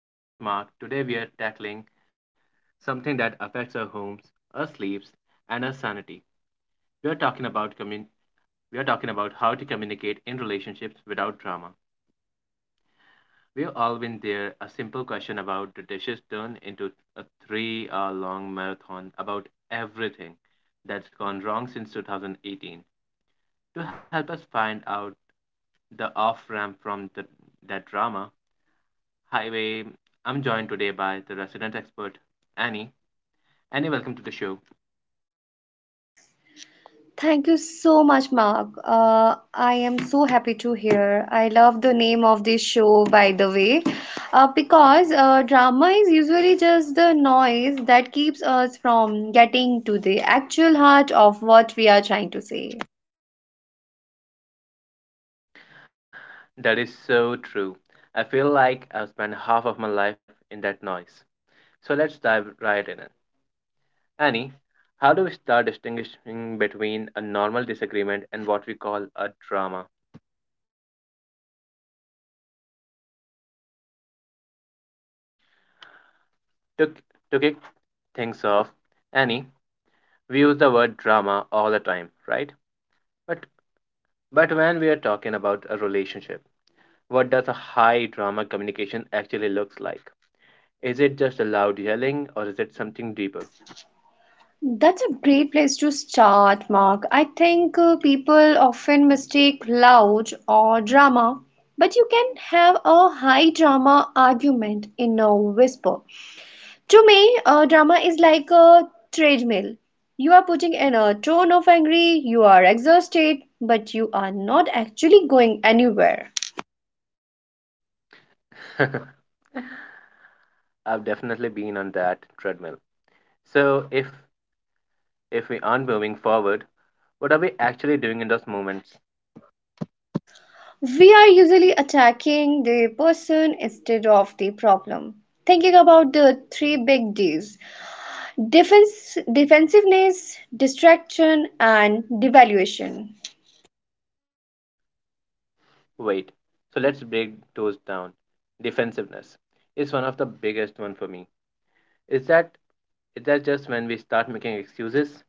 I'm your host Mark. Today we are tackling something that affects our homes, our sleeps, and our sanity. We are talking about we are talking about how to communicate in relationships without drama. We've all been there. A simple question about the dishes turned into a three-hour-long marathon about everything that's gone wrong since 2018. To help us find out the off-ramp from that drama, Highway. I'm joined today by the resident expert, Annie. Annie, welcome to the show. Thank you so much, Mark. I am so happy to hear. I love the name of this show, by the way, because drama is usually just the noise that keeps us from getting to the actual heart of what we are trying to say. That is so true. I feel like I've spent half of my life in that noise. So let's dive right in. Annie, how do we start distinguishing between a normal disagreement and what we call a drama? To, to kick things off, Annie, we use the word drama all the time, right? But but when we are talking about a relationship, what does a high drama communication actually looks like? Is it just a loud yelling or is it something deeper? That's a great place to start, Mark. I think people often mistake loud or drama, but you can have a high drama argument in a whisper. To me, drama is like a treadmill. You are putting in a ton of angry, you are exhausted, but you are not actually going anywhere. I've definitely been on that treadmill. So if we aren't moving forward, what are we actually doing in those moments? We are usually attacking the person instead of the problem. Thinking about the three big D's: defense, defensiveness, distraction, and devaluation. Wait. So let's break those down. Defensiveness is one of the biggest one for me. Is that is that just when we start making excuses?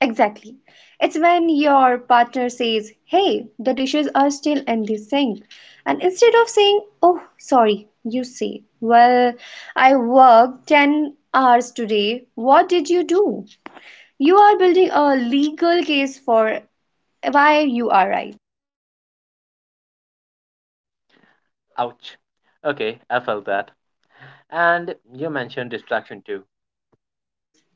Exactly. It's when your partner says, "Hey, the dishes are still in the sink." And instead of saying, "Oh, sorry," you say, "Well, I worked 10 hours today. What did you do?" You are building a legal case for why you are right. Ouch. Okay, I felt that. And you mentioned distraction too.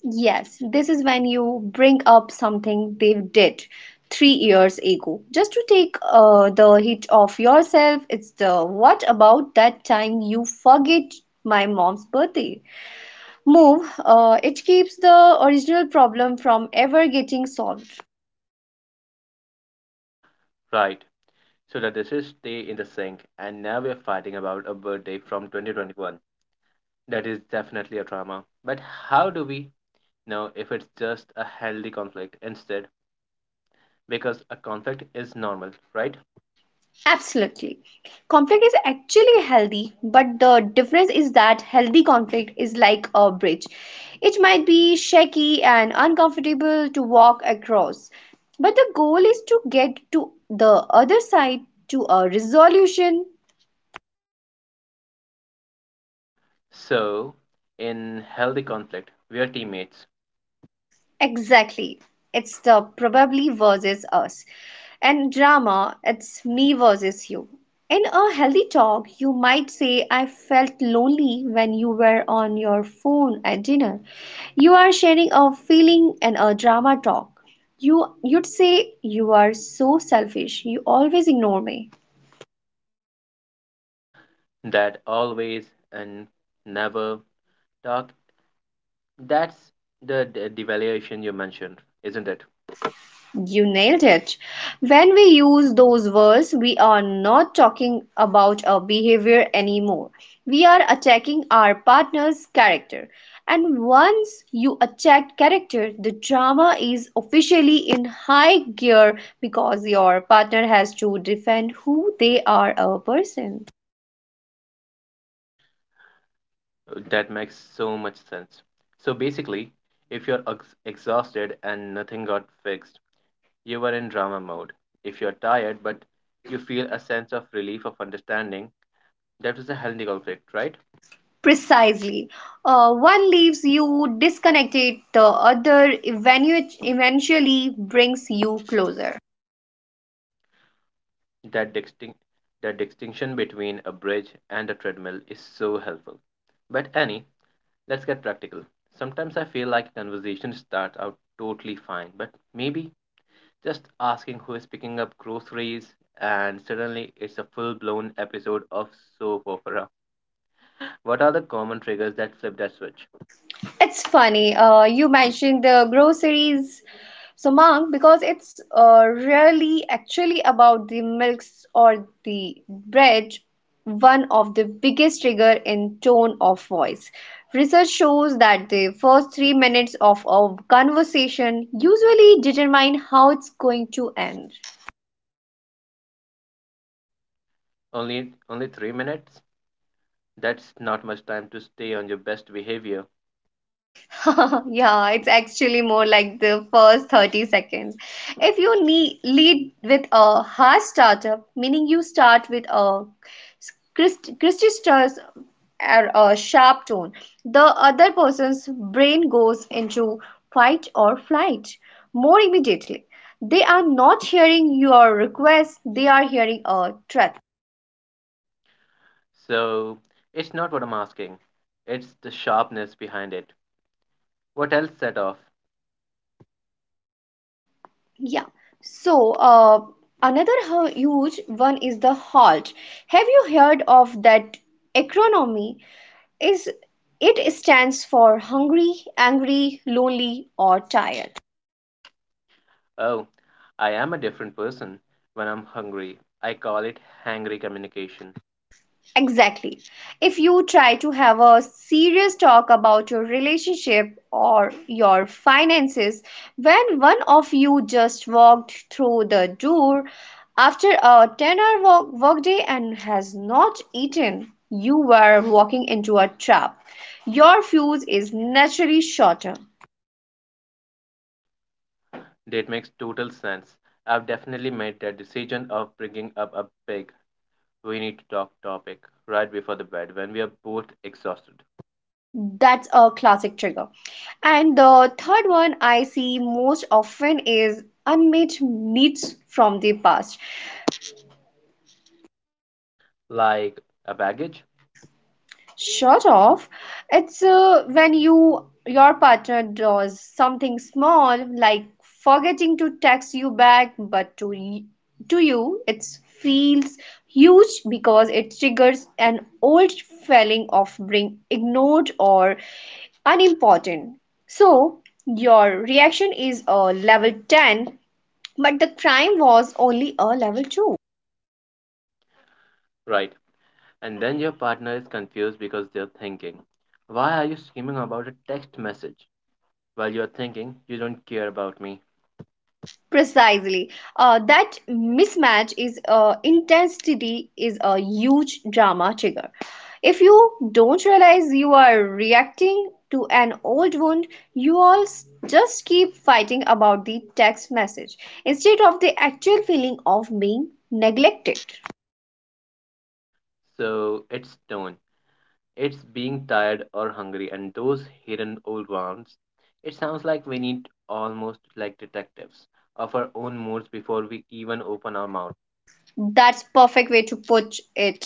Yes, this is when you bring up something they did 3 years ago. Just to take the hit off yourself, it's the what about that time you forget my mom's birthday? It keeps the original problem from ever getting solved. Right. So the dishes stay in the sink and now we're fighting about a birthday from 2021. That is definitely a trauma. But how do we know if it's just a healthy conflict instead? Because a conflict is normal, right? Absolutely. Conflict is actually healthy, but the difference is that healthy conflict is like a bridge. It might be shaky and uncomfortable to walk across, but the goal is to get to the other side, to a resolution. So, in healthy conflict, we are teammates Exactly. It's the probably versus us. And drama, it's me versus you. In a healthy talk, you might say, "I felt lonely when you were on your phone at dinner." You are sharing a feeling. And a drama talk, you'd say, "You are so selfish. You always ignore me." that always and never talk. That's the devaluation you mentioned, isn't it? You nailed it. When we use those words, we are not talking about our behavior anymore. We are attacking our partner's character. And once you attack character, the drama is officially in high gear because your partner has to defend who they are a person. That makes so much sense. So, basically, if you're exhausted and nothing got fixed, you were in drama mode. If you're tired but you feel a sense of relief of understanding, that is a healthy conflict, right? Precisely. One leaves you disconnected, the other eventually brings you closer. That distinct that distinction between a bridge and a treadmill is so helpful. But Annie, let's get practical. Sometimes I feel like a conversation starts out totally fine, but maybe just asking who is picking up groceries and suddenly it's a full-blown episode of soap opera. What are the common triggers that flip that switch? It's funny. You mentioned the groceries, Sumang, because it's really actually about the milks or the bread, one of the biggest trigger in tone of voice. Research shows that the first 3 minutes of a conversation usually determine how it's going to end. Only 3 minutes? That's not much time to stay on your best behavior. Yeah, it's actually more like the first 30 seconds. If you need, lead with a hard startup, meaning you start with a Christus or a sharp tone, the other person's brain goes into fight or flight more immediately. They are not hearing your request, they are hearing a threat. So, it's not what I'm asking, it's the sharpness behind it. What else set off? Yeah. So, another huge one is the halt. Have you heard of that acronym? Is it stands for hungry, angry, lonely, or tired? Oh, I am a different person when I'm hungry. I call it hangry communication. Exactly. If you try to have a serious talk about your relationship or your finances when one of you just walked through the door after a 10-hour work workday and has not eaten, you were walking into a trap. Your fuse is naturally shorter. That makes total sense. I've definitely made that decision of bringing up a big, we need to talk topic right before the bed when we are both exhausted. That's a classic trigger. And the third one I see most often is unmet needs from the past. Like a baggage? Shut off. It's when your partner does something small like forgetting to text you back, but to you it feels huge because it triggers an old feeling of being ignored or unimportant. So your reaction is a level 10, but the crime was only a level 2. Right. And then your partner is confused because they're thinking, why are you screaming about a text message? While you're thinking, you don't care about me. Precisely. That mismatch is intensity is a huge drama trigger. If you don't realize you are reacting to an old wound, you just keep fighting about the text message instead of the actual feeling of being neglected. So it's tone, it's being tired or hungry, and those hidden old wounds. It sounds like we need almost like detectives of our own moods before we even open our mouth. That's perfect way to put it.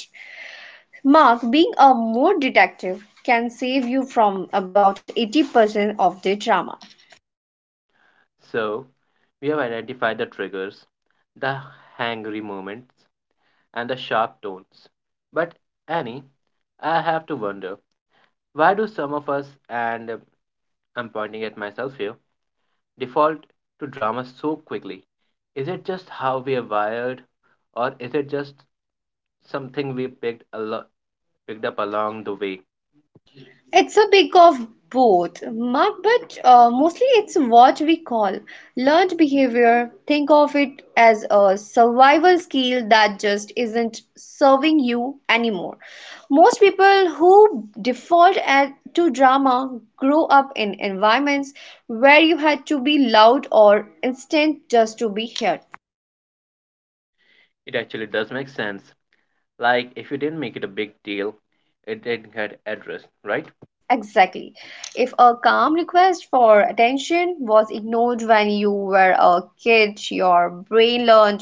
Mark, being a mood detective can save you from about 80% of the drama. So we have identified the triggers, the hangry moments, and the sharp tones. But Annie, I have to wonder, why do some of us, and I'm pointing at myself here, default to drama so quickly? Is it just how we are wired, or is it just something we picked up along the way? It's a big of both, Mark, but mostly it's what we call learned behavior. Think of it as a survival skill that just isn't serving you anymore. Most people who default to drama grow up in environments where you had to be loud or instant just to be heard. It actually does make sense. Like if you didn't make it a big deal, it didn't get addressed, right? Exactly. If a calm request for attention was ignored when you were a kid, your brain learned,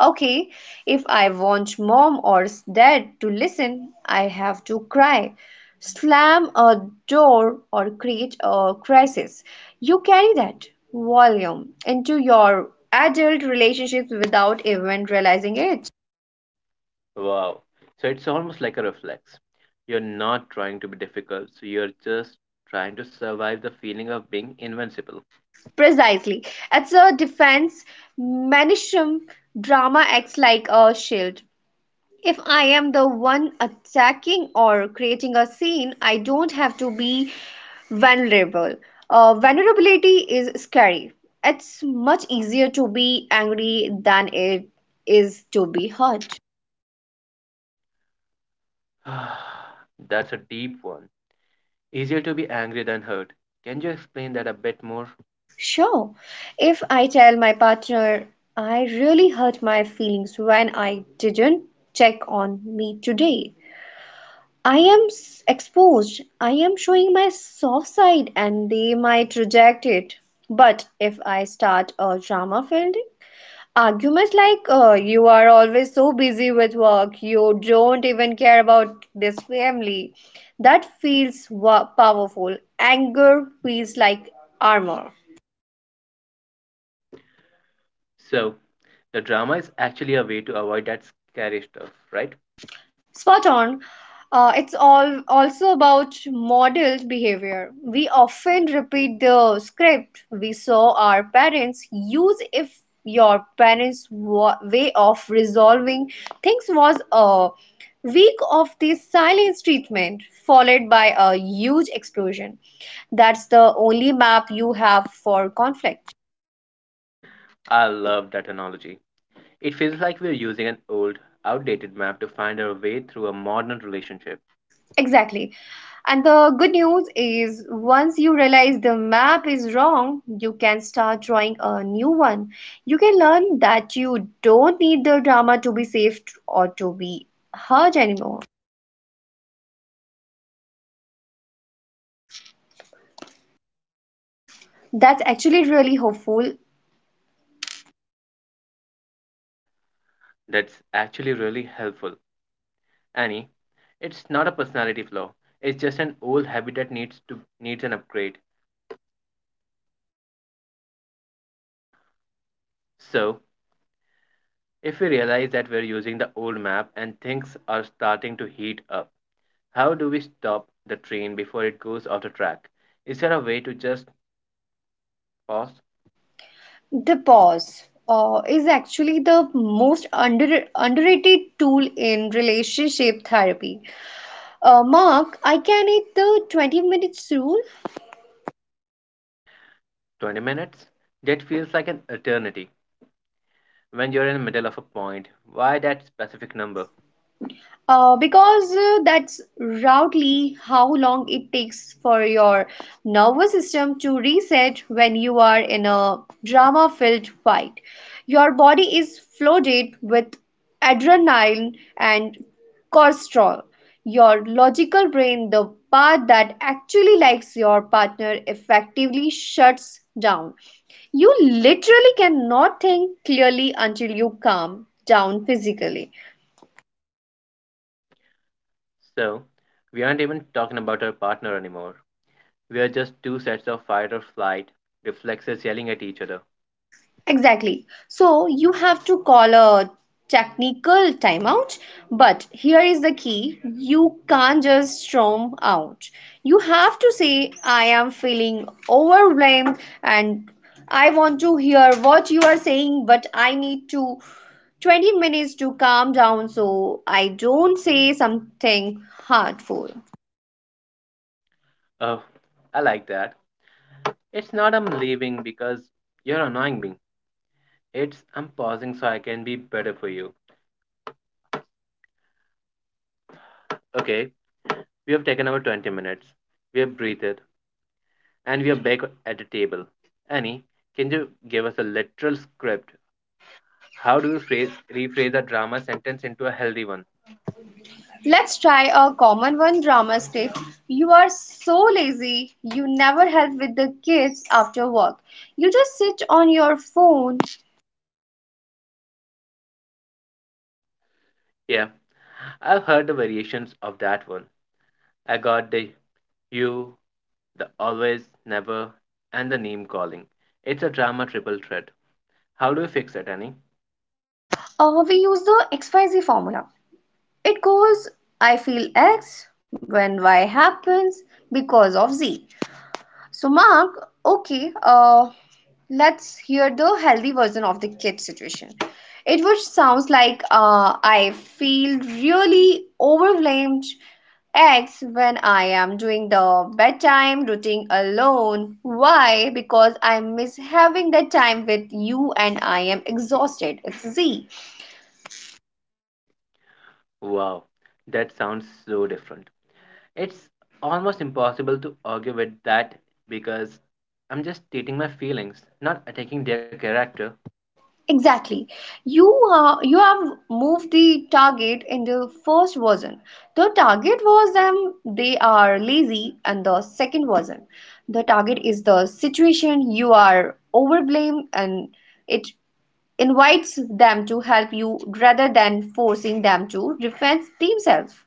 okay, if I want mom or dad to listen, I have to cry, slam a door, or create a crisis. You carry that volume into your adult relationships without even realizing it. Wow. So it's almost like a reflex. You're not trying to be difficult, so you're just trying to survive the feeling of being invincible. Precisely. It's a defense mechanism. Drama acts like a shield. If I am the one attacking or creating a scene, I don't have to be vulnerable. Vulnerability is scary. It's much easier to be angry than it is to be hurt. That's a deep one. Easier to be angry than hurt. Can you explain that a bit more? Sure, if I tell my partner I really hurt my feelings when I didn't check on me today, exposed. I am showing my soft side and they might reject it. But if I start a drama filled argument like, you are always so busy with work, you don't even care about this family, that powerful. Anger feels like armor. So, the drama is actually a way to avoid that scary stuff, right? Spot on. It's all also about model behavior. We often repeat the script we saw our parents use. If your parents' way of resolving things was a week of the silence treatment followed by a huge explosion, that's the only map you have for conflict. I love that analogy. It feels like we're using an old, outdated map to find our way through a modern relationship. Exactly. And the good news is, once you realize the map is wrong, you can start drawing a new one. You can learn that you don't need the drama to be saved or to be heard anymore. That's actually really hopeful. That's actually really helpful. Annie, it's not a personality flaw. It's just an old habit that needs an upgrade. So, if we realize that we're using the old map and things are starting to heat up, how do we stop the train before it goes off the track? Is there a way to just pause? The pause is actually the most underrated tool in relationship therapy. Mark, I can eat the 20 minutes rule. 20 minutes? That feels like an eternity when you're in the middle of a point. Why that specific number? Because that's roughly how long it takes for your nervous system to reset when you are in a drama filled fight. Your body is flooded with adrenaline and cortisol. Your logical brain, the part that actually likes your partner, effectively shuts down. You literally cannot think clearly until you calm down physically. So, we aren't even talking about our partner anymore. We are just two sets of fight or flight reflexes yelling at each other. Exactly. So you have to call a technical timeout, but here is the key: you can't just storm out. You have to say, "I am feeling overwhelmed and I want to hear what you are saying, but I need to 20 minutes to calm down so I don't say something hurtful." Oh, I like that. It's not I'm leaving because you're annoying me. It's I'm pausing so I can be better for you. Okay, we have taken our 20 minutes. We have breathed. And we are back at the table. Annie, can you give us a literal script? How do you rephrase a drama sentence into a healthy one? Let's try a common one drama script. "You are so lazy, you never help with the kids after work. You just sit on your phone." Yeah, I've heard the variations of that one. I got the you, the always, never, and the name calling. It's a drama triple threat. How do you fix it, Annie? We use the XYZ formula. It goes, "I feel X when Y happens because of Z." So, Mark, okay, let's hear the healthy version of the kid situation. It which sounds like "I feel really overwhelmed," X, "when I am doing the bedtime routine alone." Why? "Because I miss having that time with you and I am exhausted." It's Z. Wow, that sounds so different. It's almost impossible to argue with that because I'm just stating my feelings, not attacking their character. Exactly. You you have moved the target. In the first version, the target was them, they are lazy. And the second version, the target is the situation you are overblame, and it invites them to help you rather than forcing them to defend themselves.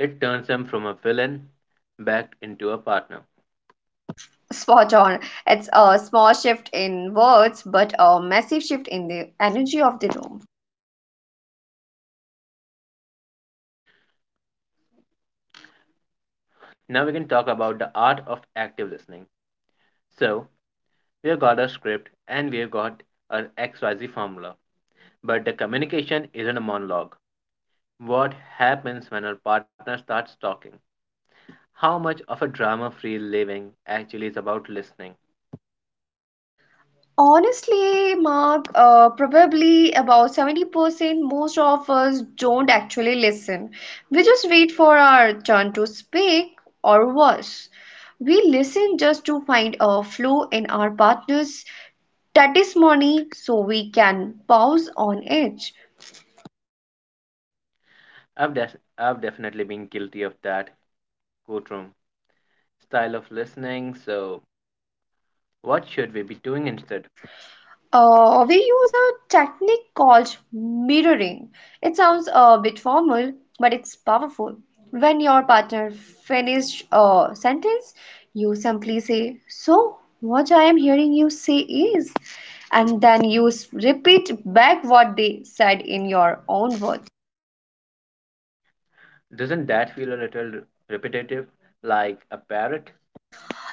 It turns them from a villain back into a partner. Spot on. It's a small shift in words but a massive shift in the energy of the room. Now we can talk about the art of active listening. So, we've got a script and we've got an XYZ formula. But the communication isn't a monologue. What happens when our partner starts talking? How much of a drama free living actually is about listening? Honestly, Mark, probably about 70% most of us don't actually listen. We just wait for our turn to speak, or worse. We listen just to find a flaw in our partner's testimony so we can pause on it. I've definitely been guilty of that courtroom style of listening, so what should we be doing instead? We use a technique called mirroring. It sounds a bit formal, but it's powerful. When your partner finishes a sentence, you simply say, "So, what I am hearing you say is," and then you repeat back what they said in your own words. Doesn't that feel a little repetitive, like a parrot?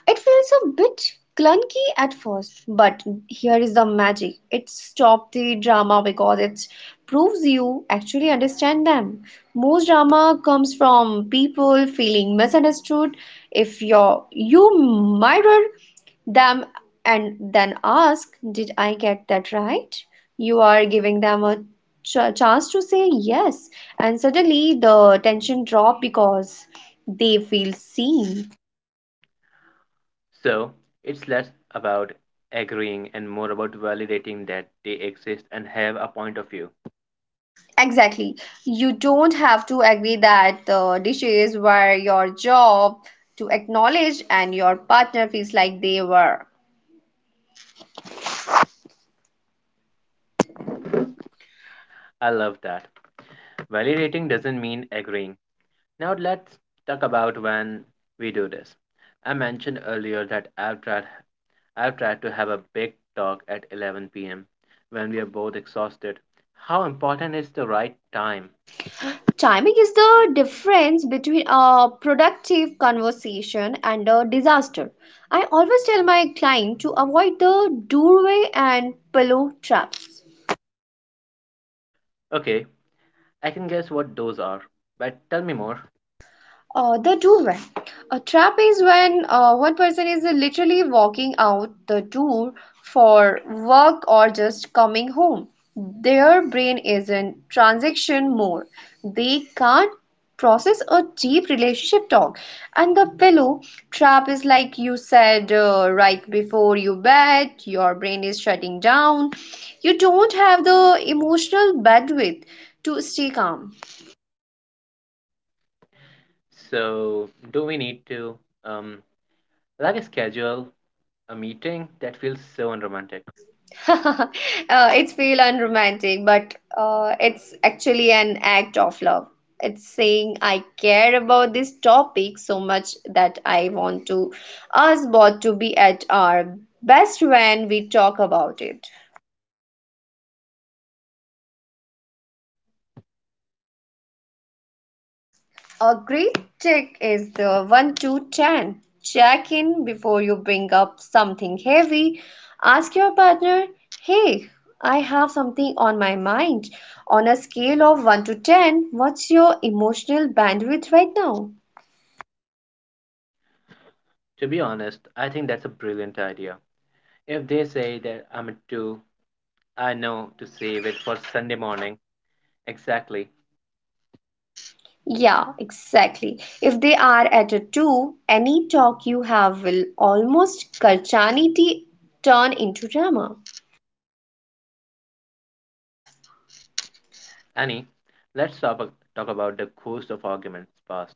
It feels a bit clunky at first, but here is the magic. It stops the drama because it proves you actually understand them. Most drama comes from people feeling misunderstood. If you're, You mirror them and then ask, "Did I get that right?" You are giving them a chance to say yes, and suddenly the tension drop because they feel seen. So, it's less about agreeing and more about validating that they exist and have a point of view. Exactly. You don't have to agree that the dishes were your job to acknowledge and your partner feels like they were. I love that. Validating doesn't mean agreeing. Now, let's talk about when we do this. I mentioned earlier that I've tried to have a big talk at 11 p.m. when we are both exhausted. How important is the right time? Timing is the difference between a productive conversation and a disaster. I always tell my client to avoid the doorway and pillow traps. Okay, I can guess what those are, but tell me more. The door when a trap is when one person is literally walking out the door for work or just coming home. Their brain is in transaction mode. They can't process a deep relationship talk. And the pillow trap is like you said, right before you bed, your brain is shutting down. You don't have the emotional bandwidth to stay calm. So, do we need to, um, like, schedule a meeting that feels so unromantic? uh, it's feel unromantic, but it's actually an act of love. It's saying I care about this topic so much that I want to us both to be at our best when we talk about it. A great trick is the 1 2 10. Check in before you bring up something heavy. Ask your partner, hey, I have something on my mind. On a scale of 1 to 10, what's your emotional bandwidth right now? To be honest, I think that's a brilliant idea. If they say that I'm at 2, I know to save it for Sunday morning. Exactly. Yeah, exactly. If they are at a 2, any talk you have will almost Karchaniti turn into drama. Annie, talk about the ghost of arguments past.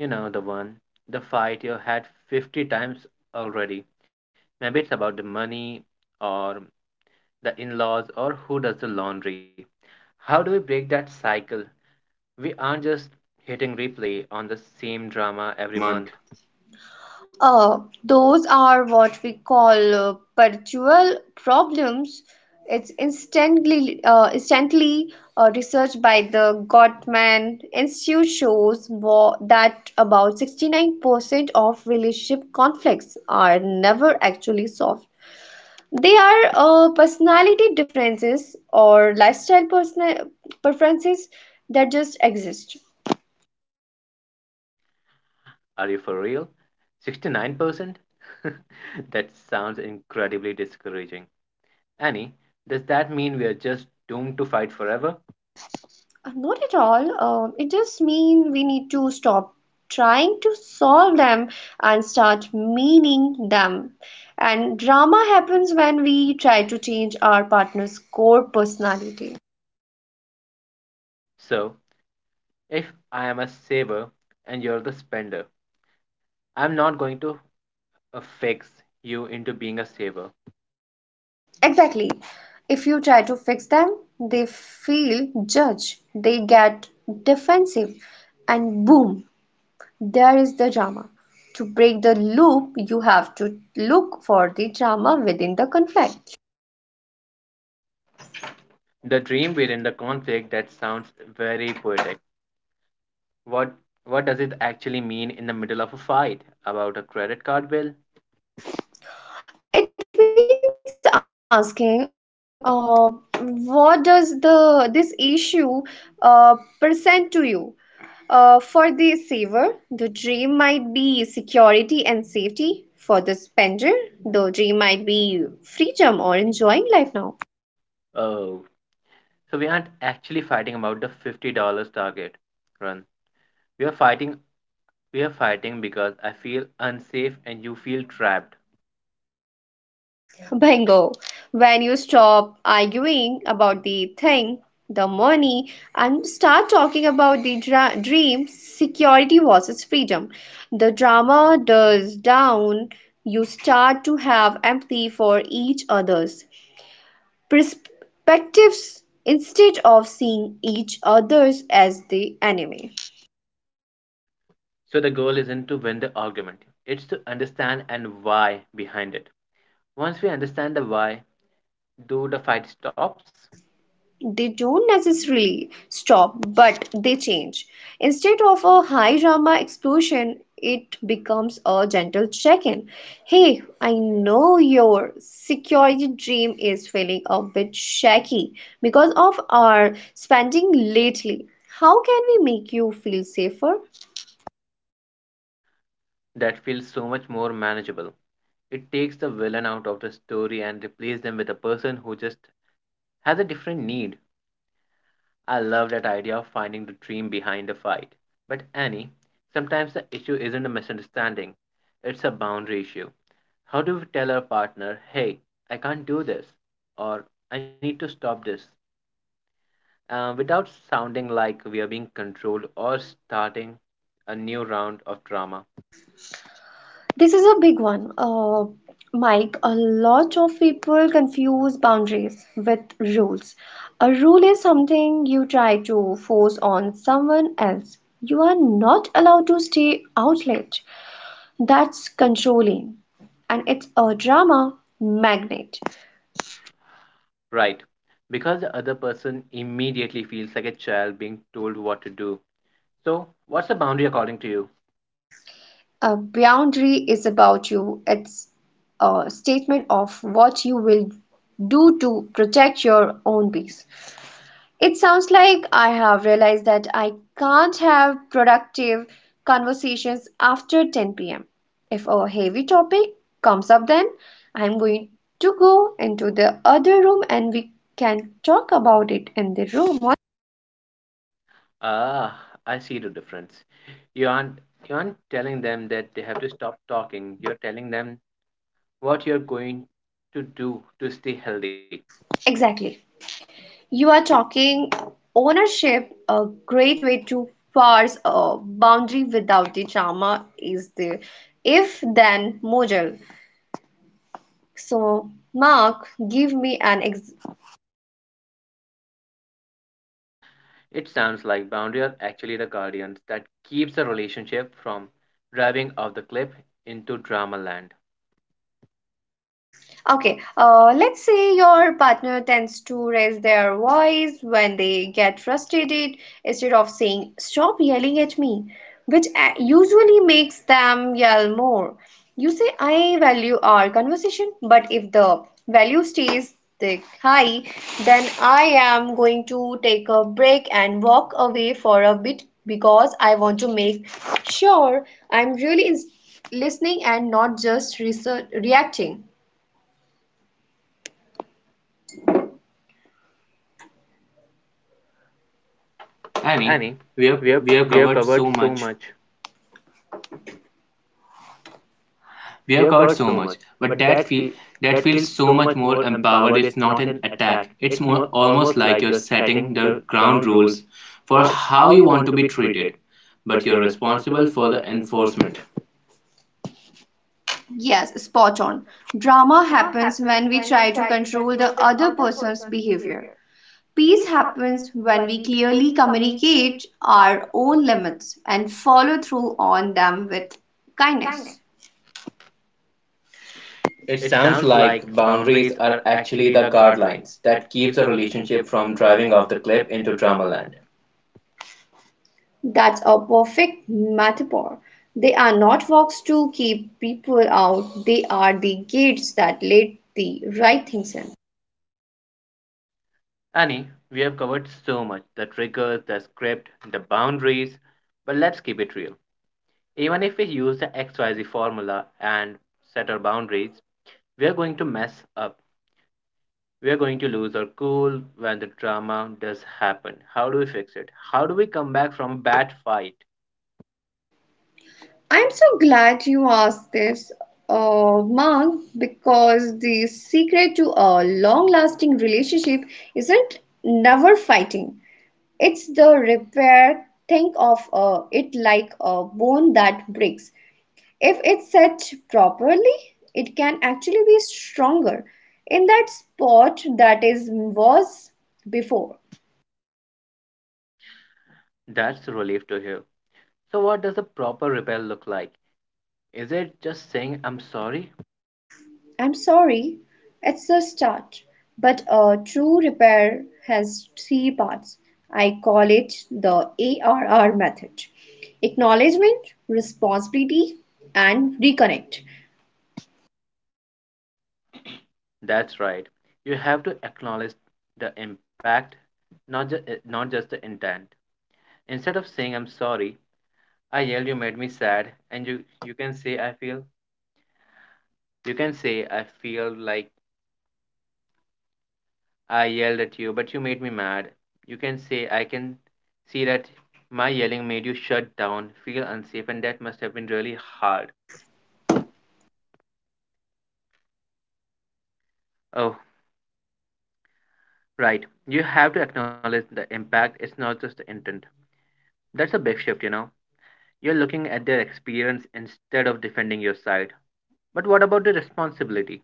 You know, the one, the fight you had 50 times already. Maybe it's about the money or the in laws or who does the laundry. How do we break that cycle? We aren't just hitting replay on the same drama every Every month. month. Those are what we call perpetual problems. It's instantly, instantly Research by the Gottman Institute shows that about 69% of relationship conflicts are never actually solved. They are personality differences or lifestyle preferences that just exist. Are you for real? 69%? That sounds incredibly discouraging. Annie, does that mean we are just doomed to fight forever? Not at all. It just means we need to stop trying to solve them and start meaning them. And drama happens when we try to change our partner's core personality. So, if I am a saver and you're the spender, I'm not going to fix you into being a saver. Exactly. If you try to fix them, they feel judged, they get defensive, and boom, there is the drama. To break the loop, you have to look for the drama within the conflict. The dream within the conflict, that sounds very poetic. What what does it actually mean in the middle of a fight about a credit card bill? It means asking, what does the this issue uh, present to you, for the saver the dream might be security and safety, for the spender the dream might be freedom or enjoying life now. Oh, so we aren't actually fighting about the $50 target run. We are fighting we are fighting because I feel unsafe and you feel trapped. Bingo. When you stop arguing about the thing, the money, and start talking about the dream, security versus freedom, the drama dies down. You start to have empathy for each other's perspectives instead of seeing each other's as the enemy. So the goal isn't to win the argument. It's to understand and why behind it. Once we understand the why, do the fight stops? They don't necessarily stop, but they change. Instead of a high drama explosion, it becomes a gentle check in. Hey, I know your security dream is feeling a bit shaky because of our spending lately. How can we make you feel safer? That feels so much more manageable. It takes the villain out of the story and replaces them with a person who just has a different need. I love that idea of finding the dream behind the fight. But Annie, sometimes the issue isn't a misunderstanding, it's a boundary issue. How do we tell our partner, hey, I can't do this, or I need to stop this, without sounding like we are being controlled or starting a new round of drama? This is a big one, Mike. A lot of people confuse boundaries with rules. A rule is something you try to force on someone else. You are not allowed to stay out late. That's controlling. And it's a drama magnet. Right, because the other person immediately feels like a child being told what to do. So, what's the boundary according to you? A boundary is about you, it's a statement of what you will do to protect your own peace. It sounds like I have realized that I can't have productive conversations after 10 p.m. If a heavy topic comes up, then I'm going to go into the other room and we can talk about it in the room. Ah, I see the difference. You aren't you aren't telling them that they have to stop talking. You're telling them what you're going to do to stay healthy. Exactly. You are talking ownership, a great way to force a boundary without the drama is the if then model. So, Mark, give me an ex- It sounds like boundary are actually the guardians that keeps the relationship from driving off the cliff into drama land. Okay, let's say your partner tends to raise their voice when they get frustrated instead of saying, stop yelling at me, which usually makes them yell more. You say, I value our conversation, but if the value stays thick high, then I am going to take a break and walk away for a bit because I want to make sure I'm really listening and not just reacting. Annie, Annie, we we have have we we have have covered covered so so much. much. We We have have covered covered so so much, much, but but that that feels feels so so much much more more empowered. empowered. It's It's not not an an attack. attack. It's It's more more almost almost like like you're you're setting setting the the ground ground rules rules for for how how you you want want to to be be treated, treated, but but you're you're responsible responsible for for the the enforcement. enforcement. Yes, Yes, spot spot on. on. Drama Drama happens happens when when we we try try to to control control the the other other person's person's behavior. behavior. Peace Peace happens happens when when we we clearly clearly communicate communicate our our own own limits limits and and follow follow through through on on them them with with kindness. kindness. It It sounds sounds like like boundaries boundaries are are actually actually the the guidelines guardrails that that keeps keeps a a relationship relationship from from driving driving off off the the cliff cliff into into drama drama land. land. That's a perfect metaphor. They are not walks to keep people out, they are the gates that let the right things in. Annie, we have covered so much, the triggers, the script, the boundaries, but let's keep it real. Even if we use the XYZ formula and set our boundaries, we are going to mess up. We are going to lose our cool when the drama does happen. How do we fix it? How do we come back from a bad fight? I'm so glad you asked this, Mark, because the secret to a long lasting relationship isn't never fighting. It's the repair. Think of it like a bone that breaks. If it's set properly, it can actually be stronger in that spot that is was before. That's a relief to hear. So, what does a proper repair look like? Is it just saying I'm sorry? I'm sorry, it's the start. But a true repair has three parts. I call it the ARR method. Acknowledgement, responsibility, and reconnect. That's right. You have to acknowledge the impact, not just not just the intent. Instead of saying I'm sorry, I yelled you made me sad and you can say I feel, you can say I feel like I yelled at you but you made me mad. You can say I can see that my yelling made you shut down, feel unsafe and that must have been really hard. Oh, right. You have to acknowledge the impact. It's not just the intent. That's a big shift, you know. You're looking at their experience instead of defending your side. But what about the responsibility?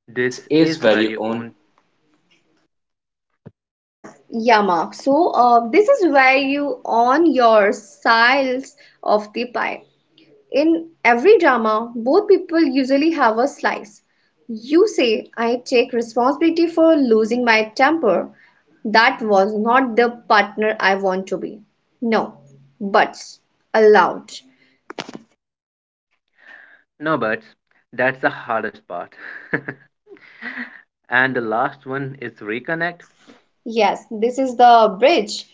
This This is is where very you own. own Yeah, Mark. So, this is where you on your sides of the pie. In every drama, both people usually have a slice. You say, I take responsibility for losing my temper. That was not the partner I want to be. No, buts allowed. no buts. That's the hardest part. And the last one is reconnect. Yes, this is the bridge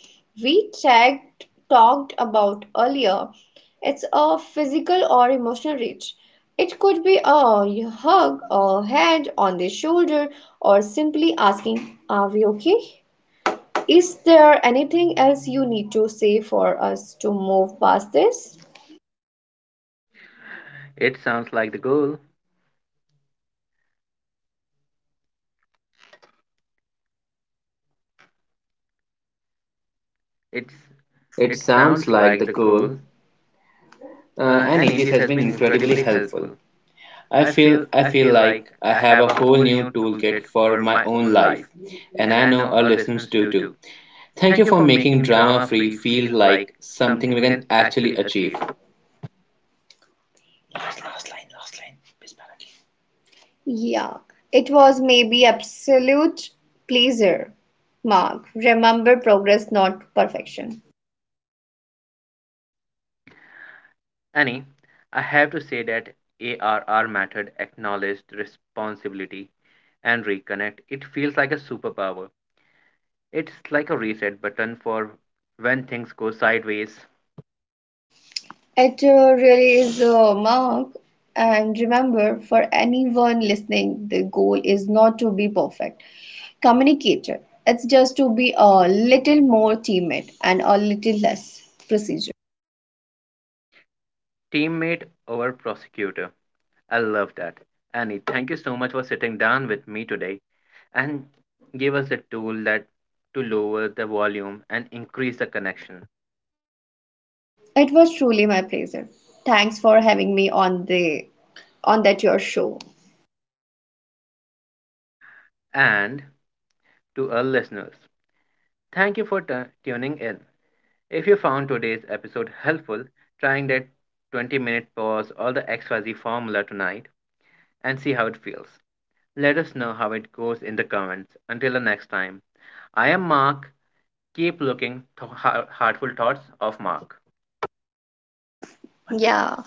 we talked about earlier. It's a physical or emotional reach. It could be a hug, a hand on the shoulder, or simply asking, are we okay? Is there anything else you need to say for us to move past this? It sounds like the goal. It's It it sounds sounds like like the the goal. goal. And Annie, Indies this has has been been incredibly incredibly helpful. helpful. I feel I I feel feel like like I I have have a a whole whole new new toolkit toolkit for for my my own own life, life, and and I I know know our our listeners listeners do do too. too. Thank Thank you you for for making making drama drama free free feel feel like like something something we we can can actually actually achieve. achieve. Last last line. Bismillah. Ki. Yeah, it was maybe absolute pleasure. Mark, remember progress, not perfection. Annie, I have to say that ARR method, acknowledged responsibility and reconnect. It feels like a superpower. It's like a reset button for when things go sideways. It really is a mark. And remember, for anyone listening, the goal is not to be perfect communicator. It's just to be a little more teammate and a little less procedure. Teammate over prosecutor. I love that. Annie, thank you so much for sitting down with me today and give us a tool that to lower the volume and increase the connection. It was truly my pleasure. Thanks for having me on the on that your show. And to our listeners. Thank you for tuning in. If you found today's episode helpful, trying that 20-minute pause or the XYZ formula tonight and see how it feels. Let us know how it goes in the comments. Until the next time, I am Mark. Keep looking heartful thoughts of Mark. Yeah.